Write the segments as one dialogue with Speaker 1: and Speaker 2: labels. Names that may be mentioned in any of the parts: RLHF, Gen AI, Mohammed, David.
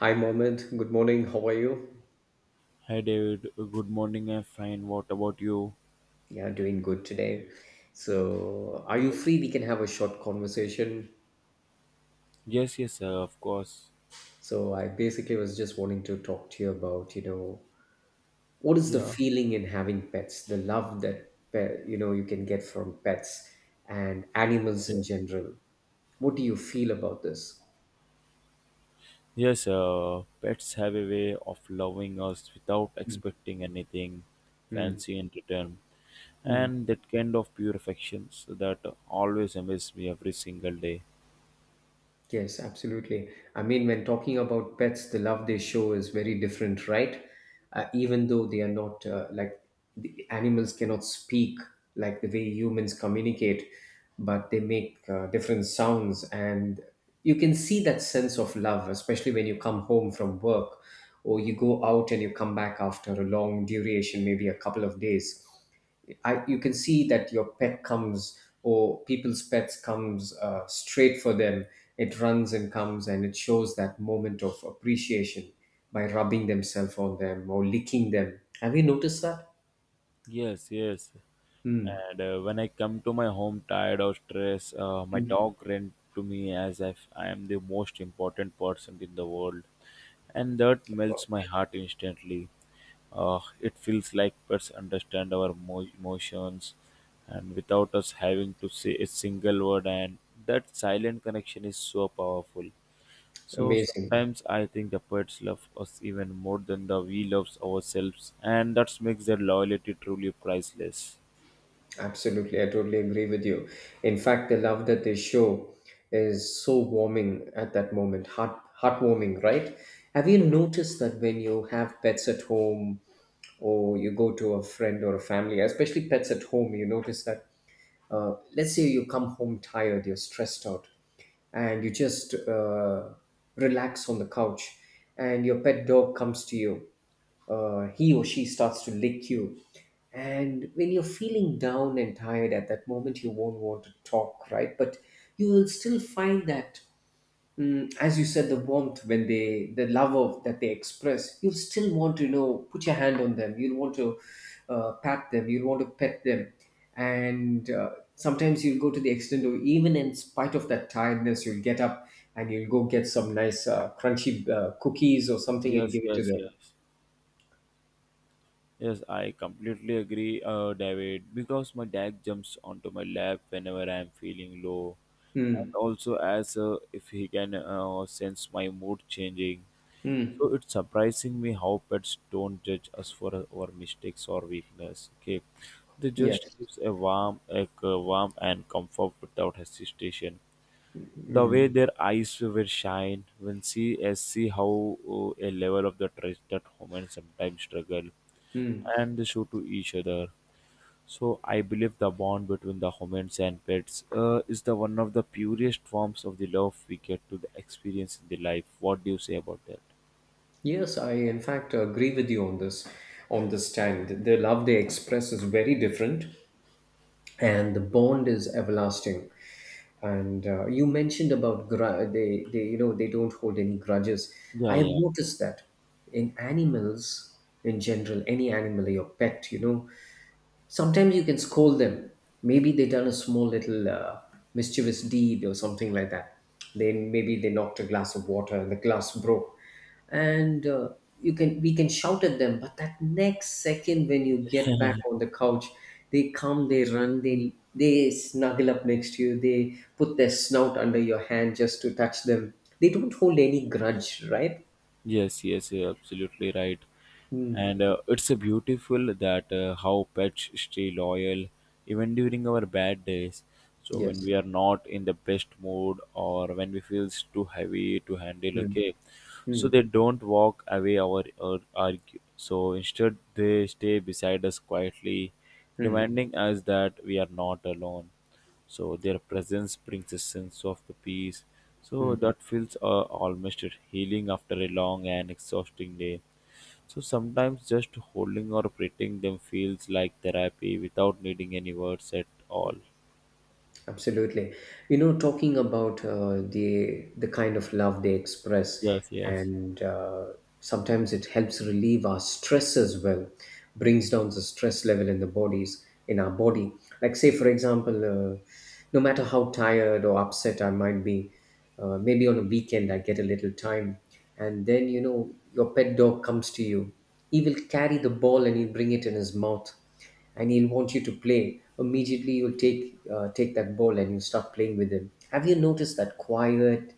Speaker 1: Hi, Mohammed. Good morning. How are you?
Speaker 2: Hi David, good morning. I'm fine. What about you?
Speaker 1: Yeah, doing good today. So, are you free? We can have a short conversation.
Speaker 2: Yes, yes, of course.
Speaker 1: So, I basically was just wanting to talk to you about, what is the
Speaker 2: Yeah.
Speaker 1: feeling in having pets, the love that, you can get from pets and animals
Speaker 2: Yeah.
Speaker 1: in general. What do you feel about this?
Speaker 2: Yes, pets have a way of loving us without expecting anything
Speaker 1: Hmm.
Speaker 2: fancy in return.
Speaker 1: Hmm.
Speaker 2: And that kind of pure affections that always amazes me every single day.
Speaker 1: Yes, absolutely. I mean, when talking about pets, the love they show is very different, right? Even though they are not like the animals cannot speak like the way humans communicate, but they make different sounds, and you can see that sense of love, especially when you come home from work or you go out and you come back after a long duration, maybe a couple of days. You can see that your pet comes or people's pets comes straight for them. It runs and comes and it shows that moment of appreciation by rubbing themselves on them or licking them. Have you noticed that?
Speaker 2: Yes, yes.
Speaker 1: Hmm,
Speaker 2: And when I come to my home tired or stressed, my dog ran to me as if I am the most important person in the world. And that melts my heart instantly. It feels like pets understand our emotions and without us having to say a single word. And that silent connection is so powerful. So
Speaker 1: amazing.
Speaker 2: sometimes I think the pets love us even more than the we loves ourselves, and that makes their loyalty truly priceless.
Speaker 1: Absolutely, I totally agree with you. In fact, the love that they show is so warming at that moment, heartwarming, right? Have you
Speaker 2: Right.
Speaker 1: noticed that when you have pets at home or you go to a friend or a family, especially pets at home, you notice that, let's say you come home tired, you're stressed out, and you just relax on the couch, and your pet dog comes to you. He or she starts to lick you. And when you're feeling down and tired at that moment, you won't want to talk, right? But you will still find that, mm, as you said, the warmth when they, the love of that they express, you'll still want to, put your hand on them. You'll want to pat them. You'll want to pet them. And sometimes you'll go to the extent of, even in spite of that tiredness, you'll get up and you'll go get some nice crunchy cookies or something and
Speaker 2: Yes,
Speaker 1: give it to
Speaker 2: yes,
Speaker 1: them.
Speaker 2: yes. Yes, I completely agree, David, because my dad jumps onto my lap whenever I'm feeling low,
Speaker 1: Mm,
Speaker 2: and also as if he can sense my mood changing.
Speaker 1: mm.
Speaker 2: So it's surprising me how pets don't judge us for our mistakes or weakness. Okay, they just
Speaker 1: Yes.
Speaker 2: gives a warm and comfort without hesitation. The way their eyes will shine when see as see how a level of the trust that humans sometimes struggle,
Speaker 1: Hmm.
Speaker 2: and they show to each other. So I believe the bond between the humans and pets is the one of the purest forms of the love we get to the experience in the life. What do you say about that?
Speaker 1: Yes, I in fact agree with you on this stand. The love they express is very different and the bond is everlasting. And you mentioned about they you know they don't hold any grudges. I
Speaker 2: Yeah,
Speaker 1: have
Speaker 2: yeah.
Speaker 1: noticed that in animals in general, any animal, your pet, you know, sometimes you can scold them. Maybe they done a small little mischievous deed or something like that. They maybe they knocked a glass of water and the glass broke, and you can we can shout at them. But that next second, when you get back on the couch, they come, they run, they snuggle up next to you. They put their snout under your hand just to touch them. They don't hold any grudge, right?
Speaker 2: Yes, yes, you're absolutely right.
Speaker 1: Mm.
Speaker 2: And it's a beautiful that how pets stay loyal even during our bad days. So when
Speaker 1: Yes.
Speaker 2: we are not in the best mood or when we feels too heavy to handle,
Speaker 1: Mm.
Speaker 2: okay, so
Speaker 1: Mm.
Speaker 2: they don't walk away or argue. So instead, they stay beside us quietly,
Speaker 1: Mm.
Speaker 2: reminding us that we are not alone. So their presence brings a sense of the peace so
Speaker 1: Mm.
Speaker 2: that feels almost healing after a long and exhausting day. So sometimes just holding or petting them feels like therapy without needing any words at all.
Speaker 1: Absolutely. You know, talking about the kind of love they express,
Speaker 2: Yes, yes,
Speaker 1: and sometimes it helps relieve our stress as well, brings down the stress level in the bodies in our body. Like say, for example, no matter how tired or upset I might be, maybe on a weekend I get a little time, and then you know your pet dog comes to you. He will carry the ball and he'll bring it in his mouth, and he'll want you to play. Immediately you'll take take that ball and you start playing with him. Have you noticed that? Quiet,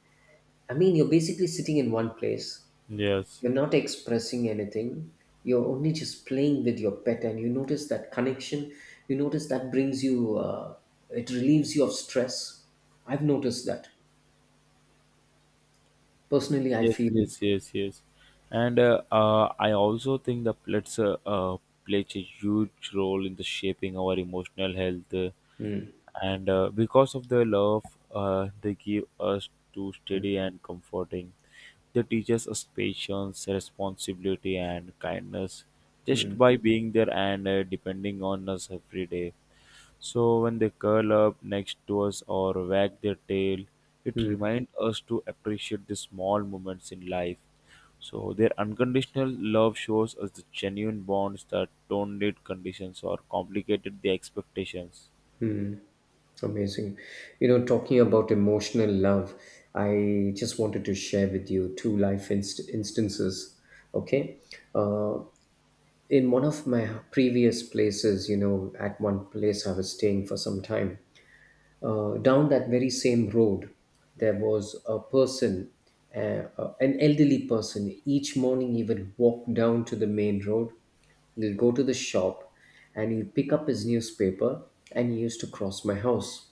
Speaker 1: I mean you're basically sitting in one place,
Speaker 2: yes,
Speaker 1: you're not expressing anything, you're only just playing with your pet and you notice that connection. You notice that brings you it relieves you of stress. I've noticed that. Personally I
Speaker 2: yes,
Speaker 1: feel.
Speaker 2: yes, yes, yes. And I also think the pets plays a huge role in the shaping our emotional health,
Speaker 1: Hmm,
Speaker 2: and because of their love they give us to
Speaker 1: hmm,
Speaker 2: steady and comforting. They teach us patience, responsibility and kindness
Speaker 1: hmm,
Speaker 2: just by being there and depending on us every day. So when they curl up next to us or wag their tail, it
Speaker 1: hmm,
Speaker 2: reminds us to appreciate the small moments in life. So their unconditional love shows us the genuine bonds that don't need conditions or complicated the expectations.
Speaker 1: hmm. Amazing. You know, talking about emotional love, I just wanted to share with you two life instances. Okay. Uh, in one of my previous places, you know, at one place I was staying for some time, down that very same road, there was a person, uh, an elderly person. Each morning he would walk down to the main road. He'll go to the shop and he'll pick up his newspaper and he used to cross my house.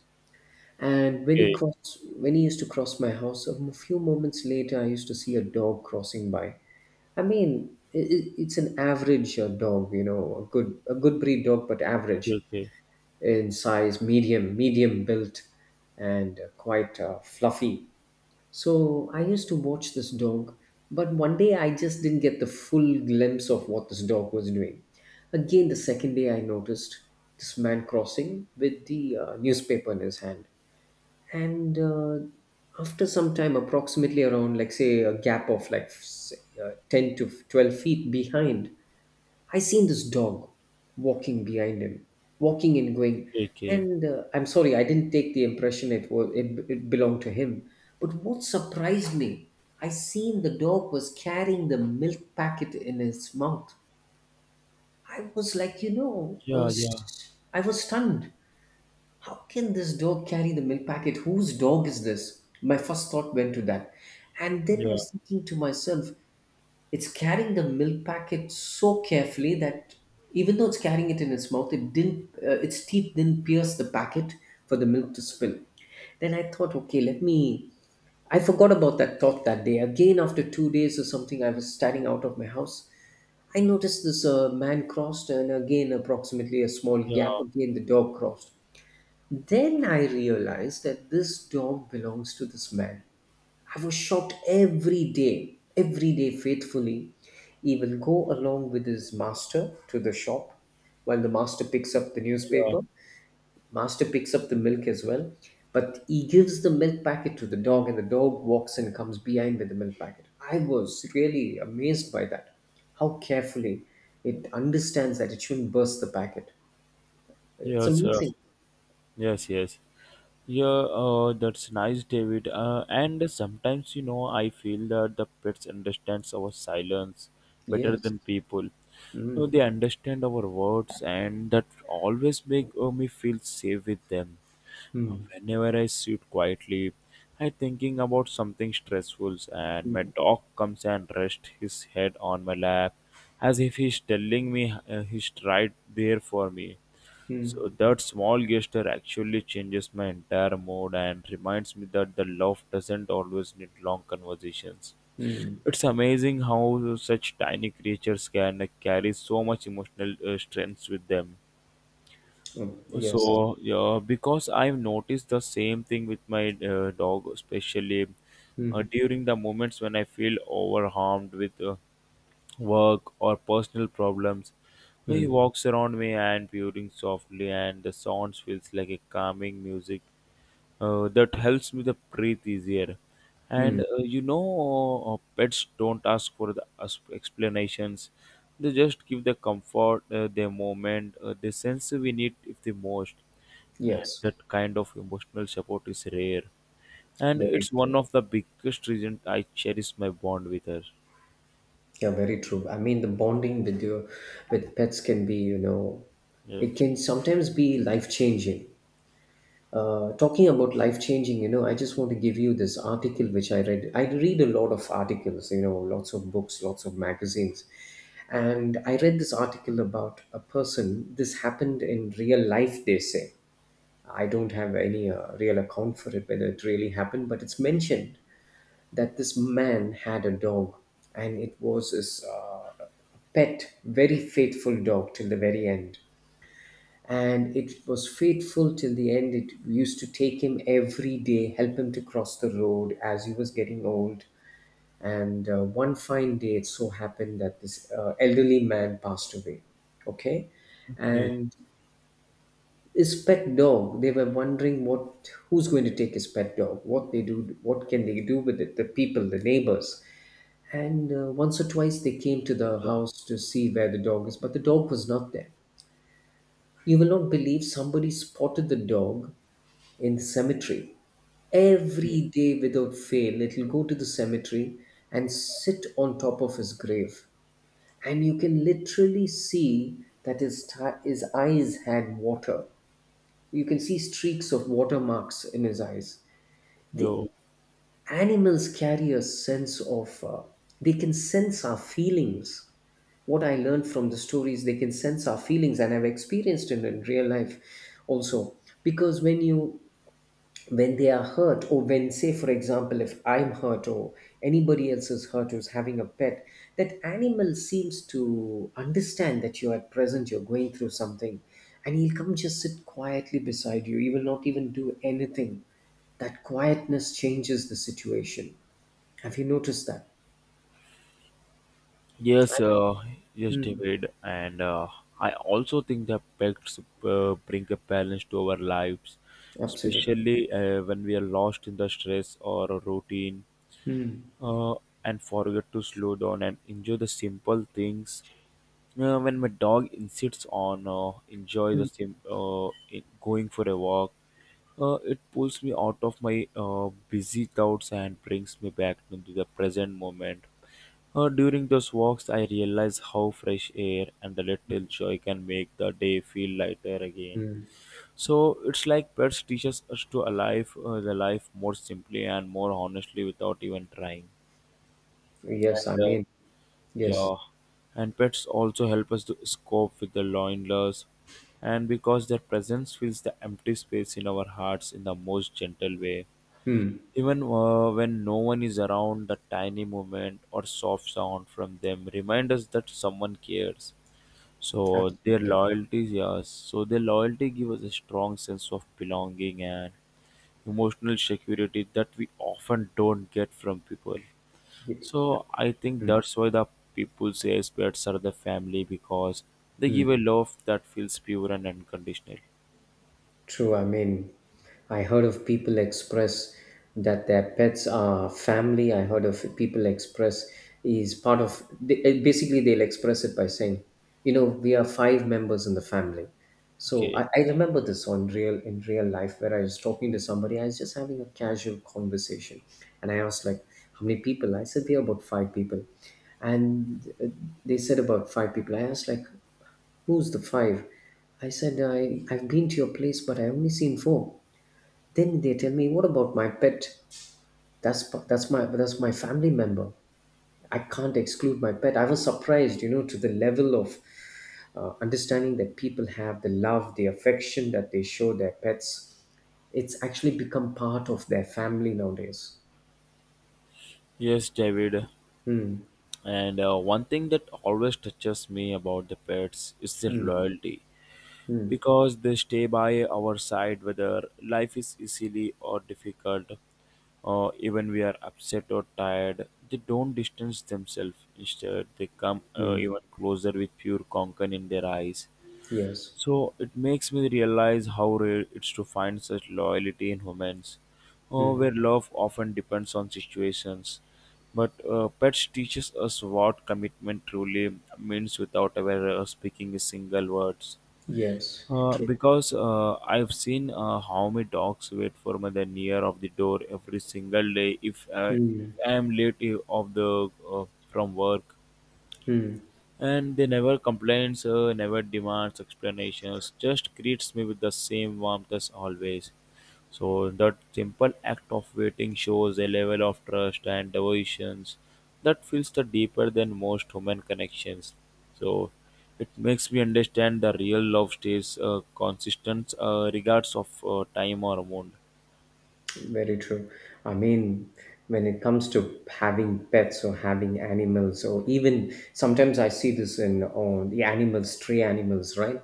Speaker 1: And when he
Speaker 2: Okay.
Speaker 1: crossed, when he used to cross my house, a few moments later, I used to see a dog crossing by. I mean, I It's an average dog, you know, a good breed dog, but
Speaker 2: Okay,
Speaker 1: average
Speaker 2: okay,
Speaker 1: in size, medium, medium built, and quite fluffy. So I used to watch this dog, but one day I just didn't get the full glimpse of what this dog was doing. Again, the second day I noticed this man crossing with the newspaper in his hand, and after some time approximately around like say a gap of like say, 10 to 12 feet behind, I seen this dog walking behind him, walking and going.
Speaker 2: okay, okay.
Speaker 1: And I'm sorry I didn't take the impression it was it belonged to him. But what surprised me, I seen the dog was carrying the milk packet in his mouth. I was like, you know,
Speaker 2: Yeah, yeah,
Speaker 1: I was stunned. How can this dog carry the milk packet? Whose dog is this? My first thought went to that. And then I
Speaker 2: yeah,
Speaker 1: was thinking to myself, it's carrying the milk packet so carefully that even though it's carrying it in its mouth, it didn't, its teeth didn't pierce the packet for the milk to spill. Then I thought, okay, let me. I forgot about that thought that day. Again, after 2 days or something, I was standing out of my house. I noticed this man crossed, and again, approximately a small gap. Again, the dog crossed. Then I realized that this dog belongs to this man. I was shocked. Every day, every day faithfully, he will go along with his master to the shop while the master picks up the
Speaker 2: yeah.
Speaker 1: newspaper. Master picks up the milk as well, but he gives the milk packet to the dog and the dog walks and comes behind with the milk packet. I was really amazed by that. How carefully it understands that it shouldn't burst the packet. It's
Speaker 2: Yes, uh,
Speaker 1: amazing.
Speaker 2: yes, yes. Yeah, that's nice, David. And sometimes, you know, I feel that the pets understands our silence better
Speaker 1: Yes.
Speaker 2: than people. So
Speaker 1: Mm.
Speaker 2: they understand our words, and that always make me feel safe with them.
Speaker 1: Mm.
Speaker 2: Whenever I sit quietly, I thinking about something stressful and my
Speaker 1: Mm.
Speaker 2: dog comes and rests his head on my lap as if he's telling me he's right there for me.
Speaker 1: Mm,
Speaker 2: So that small gesture actually changes my entire mood and reminds me that the love doesn't always need long conversations.
Speaker 1: mm,
Speaker 2: It's amazing how such tiny creatures can carry so much emotional strength with them.
Speaker 1: mm, yes. Sir.
Speaker 2: So yeah, because I've noticed the same thing with my dog, especially
Speaker 1: Mm,
Speaker 2: during the moments when I feel overwhelmed with work or personal problems. So he
Speaker 1: mm,
Speaker 2: walks around me and purring softly, and the sounds feels like a calming music that helps me to breathe easier and
Speaker 1: mm,
Speaker 2: uh, you know uh, pets don't ask for the explanations. They just give the comfort the moment the sense we need if the most, and
Speaker 1: yes.
Speaker 2: that kind of emotional support is rare and
Speaker 1: Very
Speaker 2: it's one
Speaker 1: true.
Speaker 2: of the biggest reasons I cherish my bond with her.
Speaker 1: Yeah, very true. I mean, the bonding with your with pets can be, you know, it
Speaker 2: Yes.
Speaker 1: can sometimes be life changing. Talking about life changing, you know, I just want to give you this article which I read. I read a lot of articles, you know, lots of books, lots of magazines. And I read this article about a person. This happened in real life, they say. I don't have any real account for it, whether it really happened, but it's mentioned that this man had a dog and it was his pet, very faithful dog till the very end. And it was faithful till the end. It used to take him every day, help him to cross the road as he was getting old. And one fine day, it so happened that this elderly man passed away. Okay.
Speaker 2: Okay.
Speaker 1: And his pet dog, they were wondering what, who's going to take his pet dog, what they do, what can they do with it, the people, the neighbors. And once or twice they came to the
Speaker 2: Yeah.
Speaker 1: house to see where the dog is, but the dog was not there. You will not believe, somebody spotted the dog in the cemetery.
Speaker 2: Yeah.
Speaker 1: Every day without fail it'll go to the cemetery and sit on top of his grave, and you can literally see that his eyes had water. You can see streaks of watermarks in his eyes. The
Speaker 2: Yo.
Speaker 1: animals carry a sense of, they can sense our feelings. What I learned from the stories, they can sense our feelings, and I've experienced it in real life also. Because when you, when they are hurt, or when say for example if I'm hurt or anybody else is hurt who's having a pet, that animal seems to understand that you're at present you're going through something, and he'll come just sit quietly beside you, he will not even do anything. That quietness changes the situation. Have you noticed that?
Speaker 2: Yes,
Speaker 1: I-
Speaker 2: uh, yes,
Speaker 1: Hmm,
Speaker 2: David, and I also think that pets bring a balance to our lives,
Speaker 1: absolutely.
Speaker 2: especially when we are lost in the stress or a routine,
Speaker 1: Hmm,
Speaker 2: uh, and forget to slow down and enjoy the simple things. When my dog insists on enjoy the
Speaker 1: hmm,
Speaker 2: sim- in- going for a walk, it pulls me out of my busy thoughts and brings me back into the present moment. During those walks, I realize how fresh air and the little joy can make the day feel lighter again.
Speaker 1: hmm.
Speaker 2: So it's like pets teaches us to alive the life more simply and more honestly without even trying.
Speaker 1: Yes, I
Speaker 2: And
Speaker 1: mean, yes.
Speaker 2: Yeah, and pets also help us to cope with the loneliness, and because their presence fills the empty space in our hearts in the most gentle way.
Speaker 1: Hmm,
Speaker 2: Even when no one is around, the tiny movement or soft sound from them remind us that someone cares. So their
Speaker 1: absolutely.
Speaker 2: loyalty, yes. So their loyalty gives us a strong sense of belonging and emotional security that we often don't get from people.
Speaker 1: Yeah.
Speaker 2: So I think
Speaker 1: Hmm.
Speaker 2: that's why the people say pets are the family because they
Speaker 1: Hmm.
Speaker 2: give a love that feels pure and unconditional.
Speaker 1: True, I mean, I heard of people express that their pets are family. I heard of people express, is part of, basically, they'll express it by saying, you know, we are five members in the family. So
Speaker 2: Okay.
Speaker 1: I remember this on real in real life where I was talking to somebody. I was just having a casual conversation, and I asked like, "How many people?" I said, "We are about five people," and they said about five people. I asked like, "Who's the five?" I said, I've been to your place, but I only seen four. Then they tell me, "What about my pet? That's my family member. I can't exclude my pet." I was surprised, to the level of understanding that people have the love, the affection that they show their pets. It's actually become part of their family nowadays.
Speaker 2: Yes, David.
Speaker 1: Hmm.
Speaker 2: And one thing that always touches me about the pets is their
Speaker 1: Hmm.
Speaker 2: loyalty
Speaker 1: Hmm.
Speaker 2: because they stay by our side whether life is easily or difficult, or even we are upset or tired. They don't distance themselves. Instead, they come
Speaker 1: Hmm.
Speaker 2: even closer with pure concern in their eyes.
Speaker 1: Yes.
Speaker 2: So it makes me realize how rare it's to find such loyalty in humans, oh,
Speaker 1: Hmm.
Speaker 2: where love often depends on situations. But pets teaches us what commitment truly means without ever speaking a single words.
Speaker 1: Yes.
Speaker 2: Uh,
Speaker 1: True.
Speaker 2: because uh, I've seen how many dogs wait for me the near of the door every single day if
Speaker 1: Hmm.
Speaker 2: I am late of the from work, and they never complains, never demands explanations, just greets me with the same warmth as always. So that simple act of waiting shows a level of trust and devotion that feels the deeper than most human connections. So it makes me understand the real love stays consistent regards of time or mood.
Speaker 1: Very true. I mean, when it comes to having pets or having animals, or even sometimes I see this in oh, the animals, stray animals, right?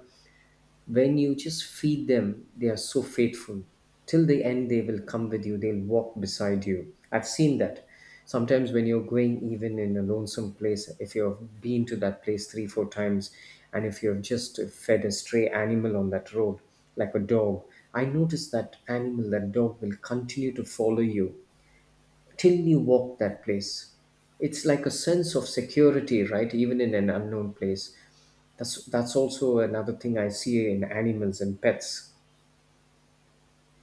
Speaker 1: When you just feed them, they are so faithful till the end. They will come with you, they'll walk beside you. I've seen that sometimes when you're going even in a lonesome place, if you've been to that place three four times and if you've just fed a stray animal on that road, like a dog, I noticed that animal, that dog will continue to follow you till you walk that place. It's like a sense of security, right? Even in an unknown place. That's also another thing I see in animals and pets.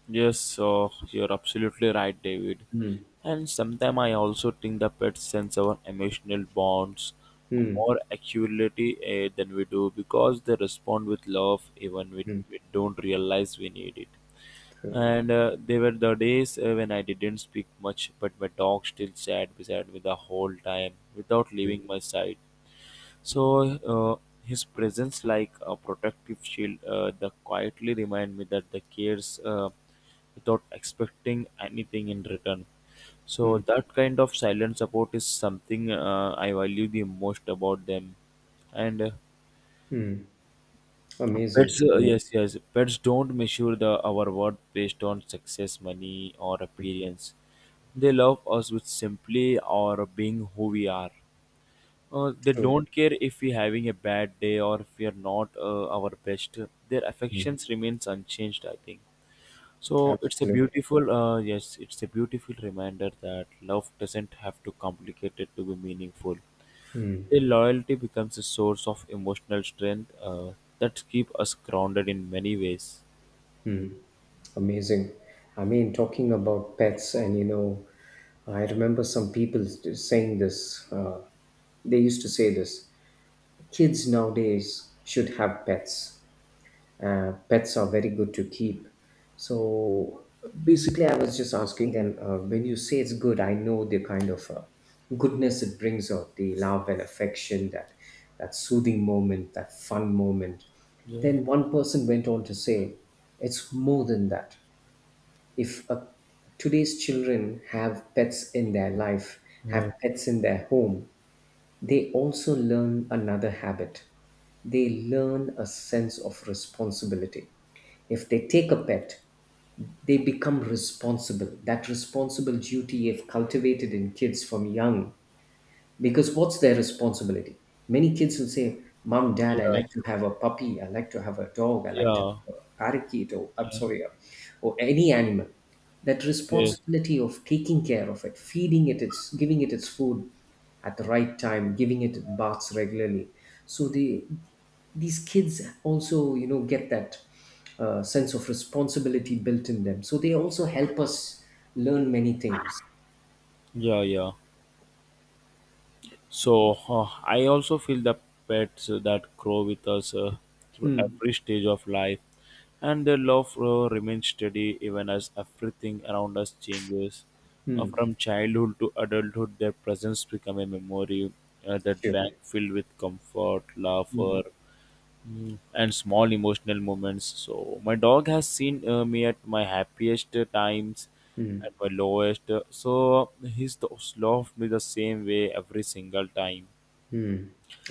Speaker 2: Yes, so you're absolutely right, David.
Speaker 1: Mm.
Speaker 2: And sometimes I also think the pets sense our emotional bonds
Speaker 1: Mm.
Speaker 2: more accurately, eh, than we do because they respond with love even when
Speaker 1: Mm.
Speaker 2: we don't realize we need it.
Speaker 1: True.
Speaker 2: And there were the days when I didn't speak much, but my dog still sat beside me the whole time without
Speaker 1: Mm.
Speaker 2: leaving my side. So his presence, like a protective shield, that quietly remind me that the cares without expecting anything in return. So
Speaker 1: Mm.
Speaker 2: that kind of silent support is something I value the most about them. And
Speaker 1: Mm.
Speaker 2: Pets,
Speaker 1: Amazing. Amazing.
Speaker 2: yes, yes, pets don't measure the our worth based on success, money, or appearance. They love us with simply or being who we are. They
Speaker 1: True.
Speaker 2: don't care if we're having a bad day or if we are not our best. Their
Speaker 1: Mm.
Speaker 2: affections remains unchanged, I think. So it's a
Speaker 1: Absolutely.
Speaker 2: beautiful, yes, it's a beautiful reminder that love doesn't have to complicate it to be meaningful.
Speaker 1: Mm.
Speaker 2: Their loyalty becomes a source of emotional strength that keep us grounded in many ways.
Speaker 1: Mm. Amazing. I mean, talking about pets, and I remember some people saying this. They used to say this: kids nowadays should have pets. Pets are very good to keep. So basically, I was just asking them, when you say it's good, I know the kind of goodness it brings out, the love and affection, that soothing moment, that fun moment.
Speaker 2: Yeah.
Speaker 1: Then one person went on to say, it's more than that. If today's children have pets in their life, have
Speaker 2: Yeah.
Speaker 1: pets in their home, they also learn another habit. They learn a sense of responsibility. If they take a pet, they become responsible. That responsible duty, if cultivated in kids from young, because what's their responsibility? Many kids will say, "Mom, Dad, I
Speaker 2: Yeah.
Speaker 1: like to have a puppy, I like to have a dog, I like to
Speaker 2: Yeah.
Speaker 1: have a parakeet, or I'm sorry, or any animal." That
Speaker 2: Yes.
Speaker 1: responsibility of taking care of it, feeding it, its giving it its food at the right time, giving it baths regularly. So they these kids also, get that sense of responsibility built in them. So they also help us learn many things.
Speaker 2: Yeah. Yeah. So I also feel the pets that grow with us through
Speaker 1: Hmm.
Speaker 2: every stage of life, and their love remains steady even as everything around us changes. Uh,
Speaker 1: Hmm.
Speaker 2: from childhood to adulthood, their presence becomes a memory that bank
Speaker 1: Sure.
Speaker 2: filled with comfort,
Speaker 1: Hmm.
Speaker 2: laughter, mm, and small emotional moments. So my dog has seen me at my happiest times,
Speaker 1: Hmm.
Speaker 2: at my lowest. So he's the, loved me the same way every single time,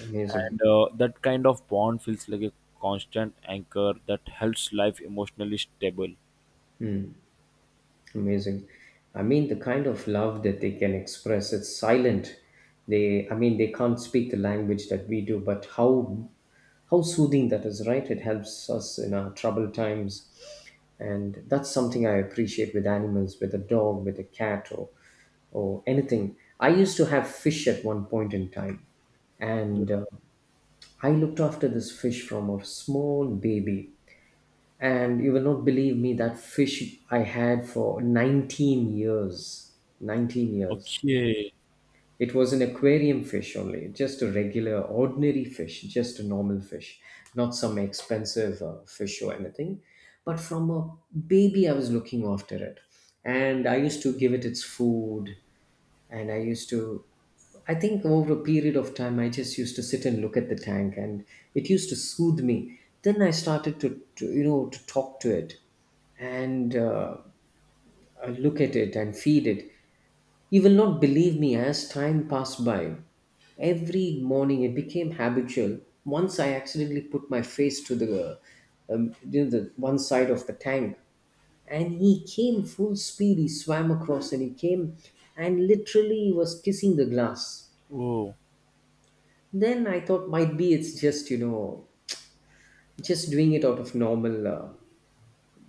Speaker 1: Amazing,
Speaker 2: and that kind of bond feels like a constant anchor that helps life emotionally stable.
Speaker 1: amazing. I mean, the kind of love that they can express, it's silent. They, I mean, they can't speak the language that we do, but how soothing that is, right? It helps us in our troubled times. And that's something I appreciate with animals, with a dog, with a cat, or anything. I used to have fish at one point in time,
Speaker 2: Yeah.
Speaker 1: and I looked after this fish from a small baby. And you will not believe me, that fish I had for 19 years. 19 years.
Speaker 2: Okay.
Speaker 1: It was an aquarium fish only, just a regular, ordinary fish, just a normal fish, not some expensive fish or anything. But from a baby, I was looking after it. And I used to give it its food, and I used to, I think, over a period of time, I just used to sit and look at the tank, and it used to soothe me. Then I started to you know to talk to it. And I look at it and feed it. You will not believe me, as time passed by, every morning it became habitual. Once I accidentally put my face to the one side of the tank, and he came full speed, he swam across and he came and literally was kissing the glass.
Speaker 2: Oh.
Speaker 1: Then I thought, might be it's just, just doing it out of normal,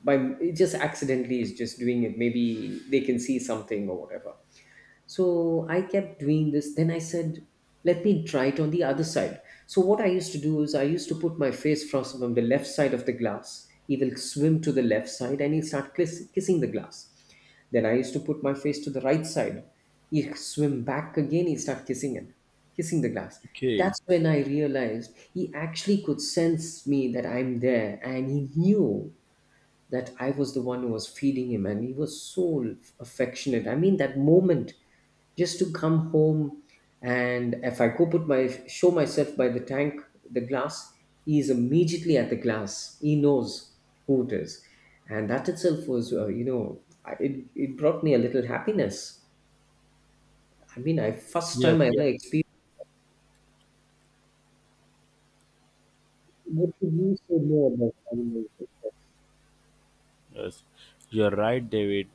Speaker 1: by it just accidentally is just doing it, maybe they can see something or whatever. So I kept doing this. Then I said, let me try it on the other side. So what I used to do is I used to put my face from the left side of the glass. He will swim to the left side and he'll start kissing the glass. Then I used to put my face to the right side. He'll swim back again, he'll start kissing it, kissing the glass.
Speaker 2: Okay.
Speaker 1: That's when I realized he actually could sense me, that I'm there, and he knew that I was the one who was feeding him, and he was so affectionate. I mean, that moment, just to come home, and if I go put my show myself by the tank, the glass, he is immediately at the glass. He knows who it is, and that itself was, it brought me a little happiness. I mean, I first
Speaker 2: Yes.
Speaker 1: time I ever
Speaker 2: Yeah.
Speaker 1: experienced. What could you say more about animals? Like...
Speaker 2: Yes. You're right, David.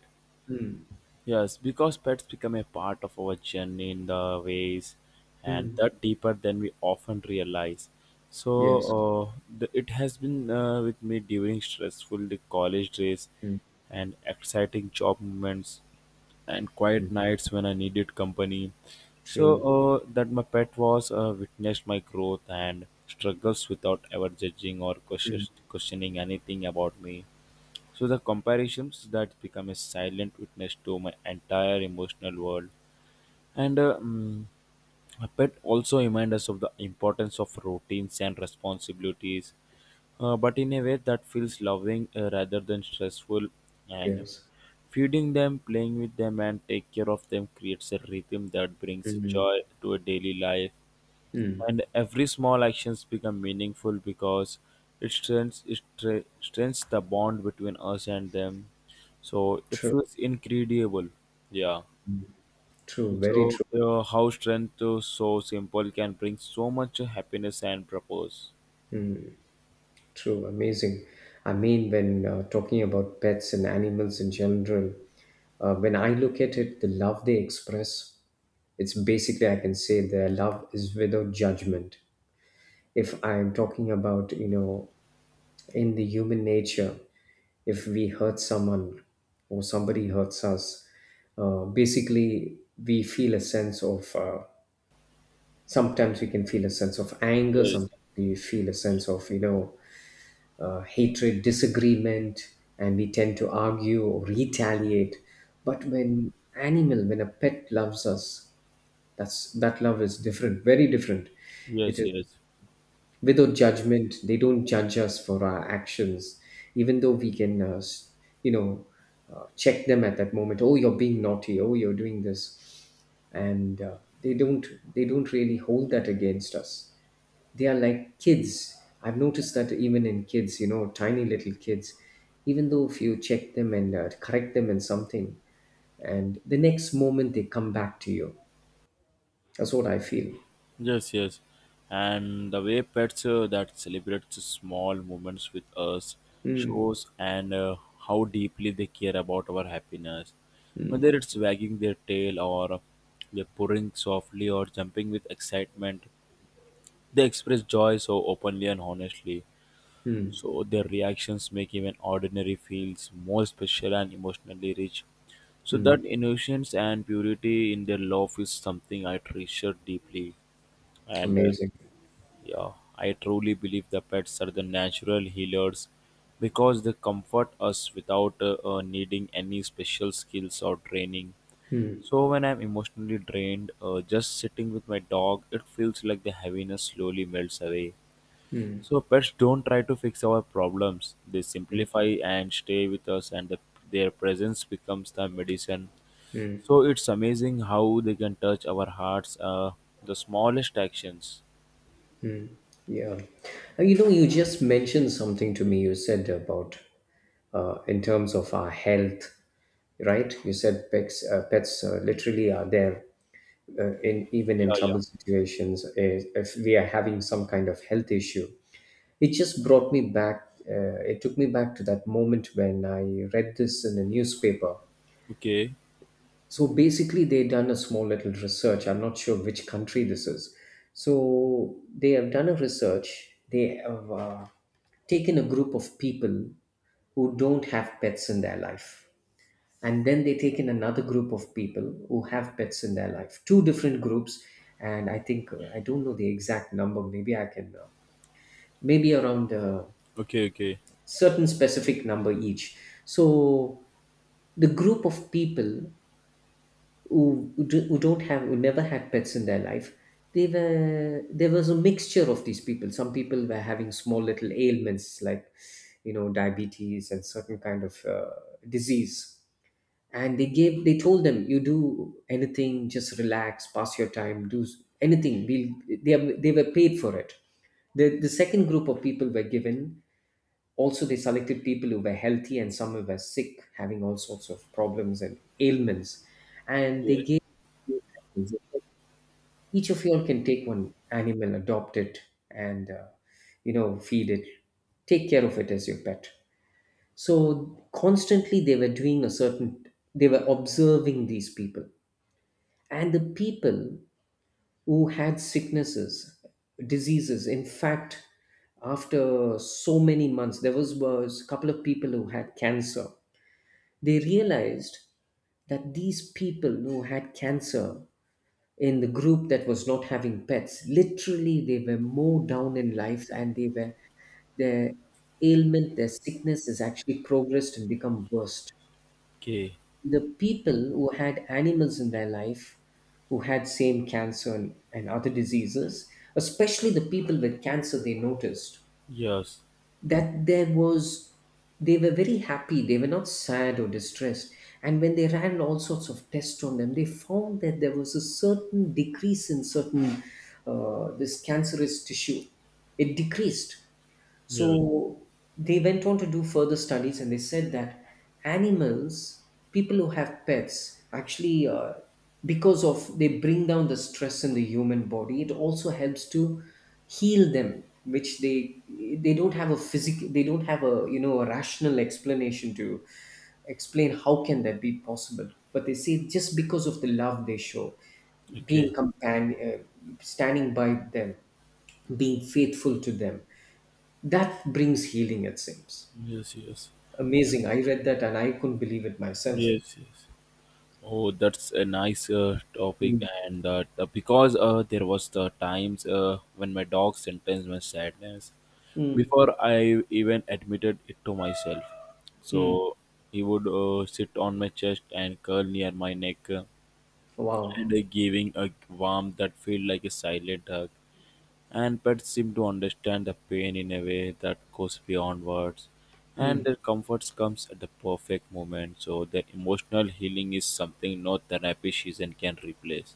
Speaker 1: Mm.
Speaker 2: Yes, because pets become a part of our journey in the ways and
Speaker 1: Mm.
Speaker 2: that deeper than we often realize. So
Speaker 1: Yes.
Speaker 2: it has been with me during stressful the college days
Speaker 1: Mm.
Speaker 2: and exciting job moments and quiet
Speaker 1: Mm.
Speaker 2: nights when I needed company. So
Speaker 1: True.
Speaker 2: that my pet was witnessed my growth and struggles without ever judging or
Speaker 1: Mm.
Speaker 2: questioning anything about me. So the comparisons that become a silent witness to my entire emotional world. And uh, mm, a pet also reminds us of the importance of routines and responsibilities, but in a way that feels loving rather than stressful. And
Speaker 1: Yes.
Speaker 2: feeding them, playing with them, and take care of them creates a rhythm that brings
Speaker 1: Mm.
Speaker 2: joy to a daily life,
Speaker 1: Mm,
Speaker 2: and every small actions become meaningful because it strengthens it stre- strengthens the bond between us and them, so it
Speaker 1: true,
Speaker 2: feels incredible. Yeah.
Speaker 1: true, very
Speaker 2: So
Speaker 1: true,
Speaker 2: how strength to so simple can bring so much happiness and purpose.
Speaker 1: true, amazing. I mean, when talking about pets and animals in general, when I look at it, the love they express, it's basically, I can say their love is without judgment. If I'm talking about, in the human nature, if we hurt someone or somebody hurts us, basically we feel a sense of, sometimes we can feel a sense of anger,
Speaker 2: Yes,
Speaker 1: sometimes we feel a sense of, hatred, disagreement, and we tend to argue or retaliate. But when a pet loves us, that love is different, very different. It
Speaker 2: yes,
Speaker 1: is
Speaker 2: yes.
Speaker 1: without judgment. They don't judge us for our actions, even though we can, you know, check them at that moment. Oh, you're being naughty. Oh, you're doing this, and they don't really hold that against us. They are like kids. I've noticed that even in kids, tiny little kids, even though if you check them and correct them in something, and the next moment they come back to you. That's what I feel.
Speaker 2: Yes, yes. And the way pets that celebrates small moments with us
Speaker 1: Mm,
Speaker 2: shows, and how deeply they care about our happiness. Whether it's wagging their tail or they're purring softly or jumping with excitement, they express joy so openly and honestly.
Speaker 1: mm,
Speaker 2: So their reactions make even ordinary feels more special and emotionally rich. So that
Speaker 1: mm.
Speaker 2: innocence and purity in their love is something I treasure deeply. And
Speaker 1: Amazing.
Speaker 2: yeah, I truly believe the pets are the natural healers because they comfort us without needing any special skills or training.
Speaker 1: Mm,
Speaker 2: So when I'm emotionally drained, just sitting with my dog, it feels like the heaviness slowly melts away.
Speaker 1: mm,
Speaker 2: So pets don't try to fix our problems; they
Speaker 1: mm.
Speaker 2: simplify and stay with us, and their presence becomes the medicine. So it's amazing how they can touch our hearts. The smallest actions.
Speaker 1: Yeah. And you know, you just mentioned something to me. You said about in terms of our health, right? You said pets literally are there in even in
Speaker 2: Yeah, yeah.
Speaker 1: troubled situations, is if we are having some kind of health issue, it just brought me back, it took me back to that moment when I read this in a newspaper.
Speaker 2: Okay.
Speaker 1: So basically, they done a small little research. I'm not sure which country this is. So they have done a research, they have taken a group of people who don't have pets in their life, and then they take in another group of people who have pets in their life, two different groups. And I think, I don't know the exact number, maybe I can maybe around a
Speaker 2: Okay, okay.
Speaker 1: certain specific number each. So the group of people who do- who don't have who never had pets in their life, they were there was a mixture of these people. Some people were having small little ailments like, you know, diabetes and certain kind of disease, and they told them, "You do anything, just relax, pass your time, do anything." They were paid for it. The second group of people were given, also they selected people who were healthy and some who were sick, having all sorts of problems and ailments. And they
Speaker 2: Yeah.
Speaker 1: gave, "Each of you all can take one animal, adopt it, and feed it, take care of it as your pet." So constantly, they were observing these people, and the people who had sicknesses, diseases, in fact, after so many months, there was a couple of people who had cancer. They realized that these people who had cancer in the group that was not having pets literally, they were more down in life, and they were their ailment, their sickness has actually progressed and become worse.
Speaker 2: Okay.
Speaker 1: The people who had animals in their life, who had same cancer and other diseases, especially the people with cancer, they noticed
Speaker 2: Yes.
Speaker 1: that there was they were very happy, they were not sad or distressed. And when they ran all sorts of tests on them, they found that there was a certain decrease in certain this cancerous tissue. It decreased.
Speaker 2: Yeah.
Speaker 1: So they went on to do further studies, and they said that animals, people who have pets, actually, because of, they bring down the stress in the human body, it also helps to heal them, which they don't have a physical, they don't have a you know a rational explanation to explain how can that be possible. But they say, just because of the love they show, being
Speaker 2: Okay.
Speaker 1: companion, standing by them, being faithful to them, that brings healing, it seems.
Speaker 2: Yes, yes.
Speaker 1: Amazing. I read that and I couldn't believe it myself.
Speaker 2: Yes, yes. Oh, that's a nice topic,
Speaker 1: Mm.
Speaker 2: and that because there was the times when my dog sentenced my sadness
Speaker 1: Mm.
Speaker 2: before I even admitted it to myself.
Speaker 1: Mm.
Speaker 2: So he would sit on my chest and curl near my neck, uh,
Speaker 1: Wow.
Speaker 2: and uh, giving a warmth that felt like a silent hug. And pets seem to understand the pain in a way that goes beyond words, and
Speaker 1: Mm.
Speaker 2: their comfort comes at the perfect moment, so their emotional healing is something no therapy season can replace.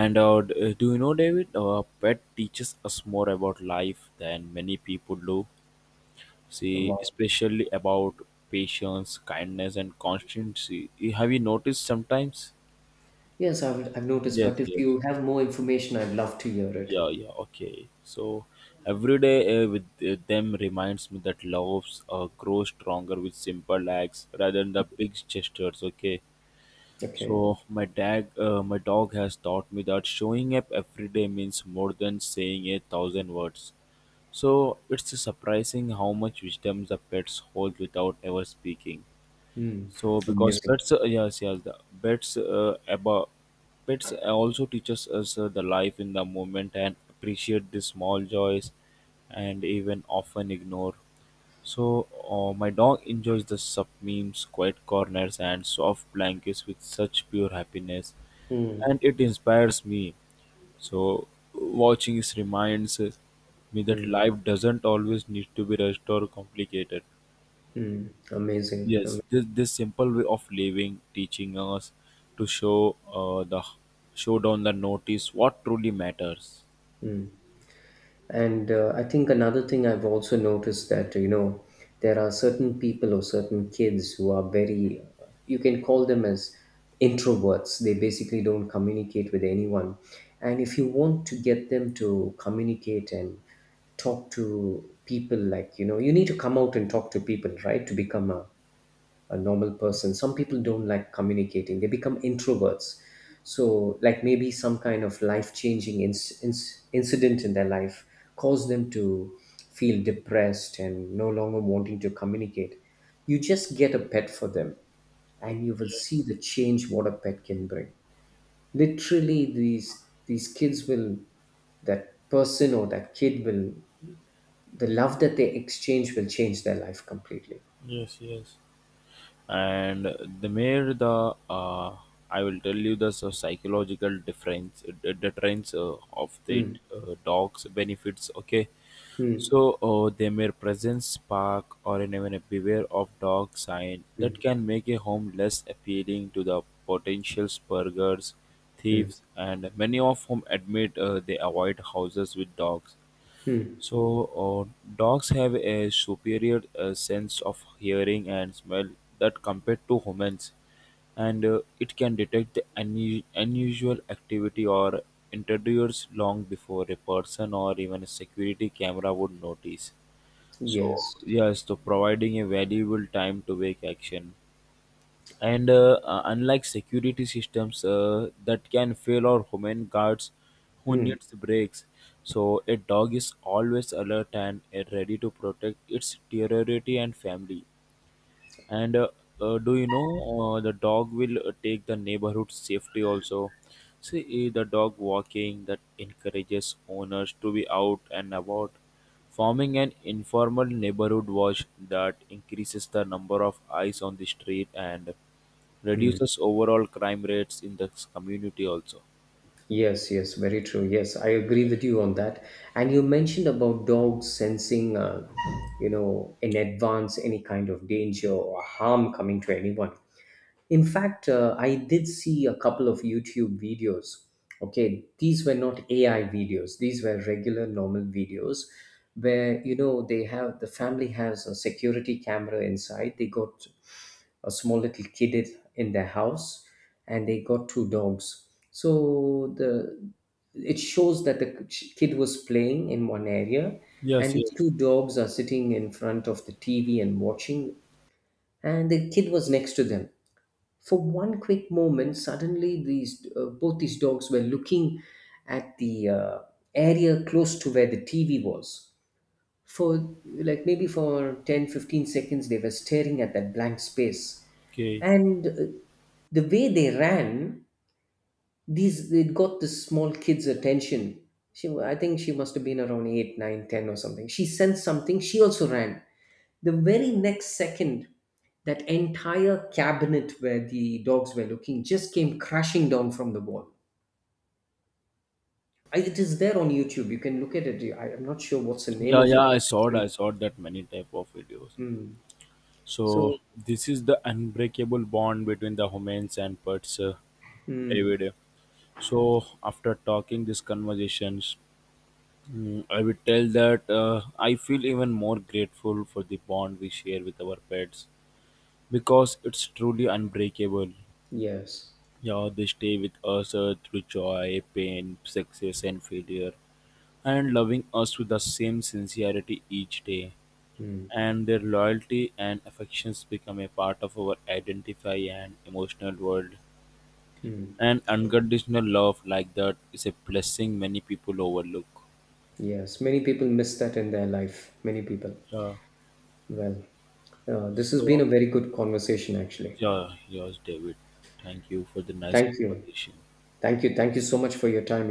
Speaker 2: Do you know, David? Pet teaches us more about life than many people do, see,
Speaker 1: Wow.
Speaker 2: especially about patience, kindness, and constancy. Have you noticed sometimes?
Speaker 1: Yes, I've noticed,
Speaker 2: Yes,
Speaker 1: but if
Speaker 2: yes.
Speaker 1: you have more information, I'd love to hear it.
Speaker 2: Yeah, yeah, okay. So every day with them reminds me that loves grow stronger with simple acts rather than the big gestures. Okay.
Speaker 1: Okay.
Speaker 2: So my dog, my dog has taught me that showing up every day means more than saying a thousand words. So it's surprising how much wisdom the pets hold without ever speaking.
Speaker 1: Mm.
Speaker 2: So because
Speaker 1: Amazing.
Speaker 2: pets, yes, yes, the pets about pets also teaches us the life in the moment and appreciate the small joys, and even often ignore. So my dog enjoys the sub memes, quiet corners, and soft blankets with such pure happiness,
Speaker 1: Mm.
Speaker 2: and it inspires me. So watching is reminds me that
Speaker 1: Mm.
Speaker 2: life doesn't always need to be rushed or complicated.
Speaker 1: Mm. Amazing.
Speaker 2: Yes, this simple way of living, teaching us to show the show down the notice what truly matters.
Speaker 1: And I think another thing I've also noticed that, you know, there are certain people or certain kids who are very, you can call them as introverts. They basically don't communicate with anyone. And if you want to get them to communicate and talk to people, like, you need to come out and talk to people, right, to become a normal person. Some people don't like communicating, they become introverts. So like, maybe some kind of life changing incident in their life caused them to feel depressed and no longer wanting to communicate. You just get a pet for them, and you will see the change, what a pet can bring. Literally, these kids will, that person or that kid will, the love that they exchange will change their life completely.
Speaker 2: And the mere the I will tell you the psychological difference, the deterrence of the
Speaker 1: Mm,
Speaker 2: dog's benefits, okay.
Speaker 1: mm,
Speaker 2: So their mere presence spark or an even a beware of dog sign that can make a home less appealing to the potential burglars,
Speaker 1: mm,
Speaker 2: thieves, and many of whom admit they avoid houses with dogs.
Speaker 1: mm.
Speaker 2: So, dogs have a superior sense of hearing and smell that compared to humans, and it can detect the unusual activity or intruders long before a person or even a security camera would notice. So,
Speaker 1: Yes.
Speaker 2: yes, to providing a valuable time to wake action, and unlike security systems that can fail or human guards who
Speaker 1: Hmm.
Speaker 2: needs breaks, so a dog is always alert and ready to protect its territory and family. And Do you know the dog will take the neighborhood safety also? See, eh, the dog walking that encourages owners to be out and about, forming an informal neighborhood watch that increases the number of eyes on the street and
Speaker 1: Hmm.
Speaker 2: reduces overall crime rates in the community also.
Speaker 1: Yes, yes, very true. Yes, I agree with you on that. And you mentioned about dogs sensing, in advance any kind of danger or harm coming to anyone. In fact, I did see a couple of YouTube videos. Okay, these were not AI videos, these were regular, normal videos, where the family has a security camera inside. They got a small little kid in their house, and they got two dogs. So the it shows that the kid was playing in one area, and
Speaker 2: Yes,
Speaker 1: these
Speaker 2: yes.
Speaker 1: two dogs are sitting in front of the TV and watching, and the kid was next to them. For one quick moment, suddenly these both these dogs were looking at the area close to where the TV was. For like maybe for 10, 15 seconds, they were staring at that blank space.
Speaker 2: Okay.
Speaker 1: And the way they ran, these it got the small kid's attention. She, I think she must have been around 8, 9, 10, or something. She sensed something. She also ran. The very next second, that entire cabinet where the dogs were looking just came crashing down from the wall. It is there on YouTube. You can look at it. I am not sure what's the name
Speaker 2: Yeah,
Speaker 1: of
Speaker 2: yeah,
Speaker 1: it.
Speaker 2: I saw it. I saw that many type of videos.
Speaker 1: Mm.
Speaker 2: So
Speaker 1: So,
Speaker 2: this is the unbreakable bond between the humans and pets,
Speaker 1: mm,
Speaker 2: David. So after talking these conversations, mm, I would tell that I feel even more grateful for the bond we share with our pets because it's truly unbreakable.
Speaker 1: yes.
Speaker 2: Yeah, they stay with us through joy, pain, success, and failure, and loving us with the same sincerity each day.
Speaker 1: Mm,
Speaker 2: And their loyalty and affections become a part of our identity and emotional world. And unconditional love like that is a blessing many people overlook.
Speaker 1: yes. Many people miss that in their life. Many people.
Speaker 2: Yeah.
Speaker 1: Well, this has been
Speaker 2: So,
Speaker 1: a very good conversation, actually.
Speaker 2: yeah, yours, David. Thank you for the nice
Speaker 1: Thank you.
Speaker 2: conversation.
Speaker 1: Thank you. Thank you so much for your time. You have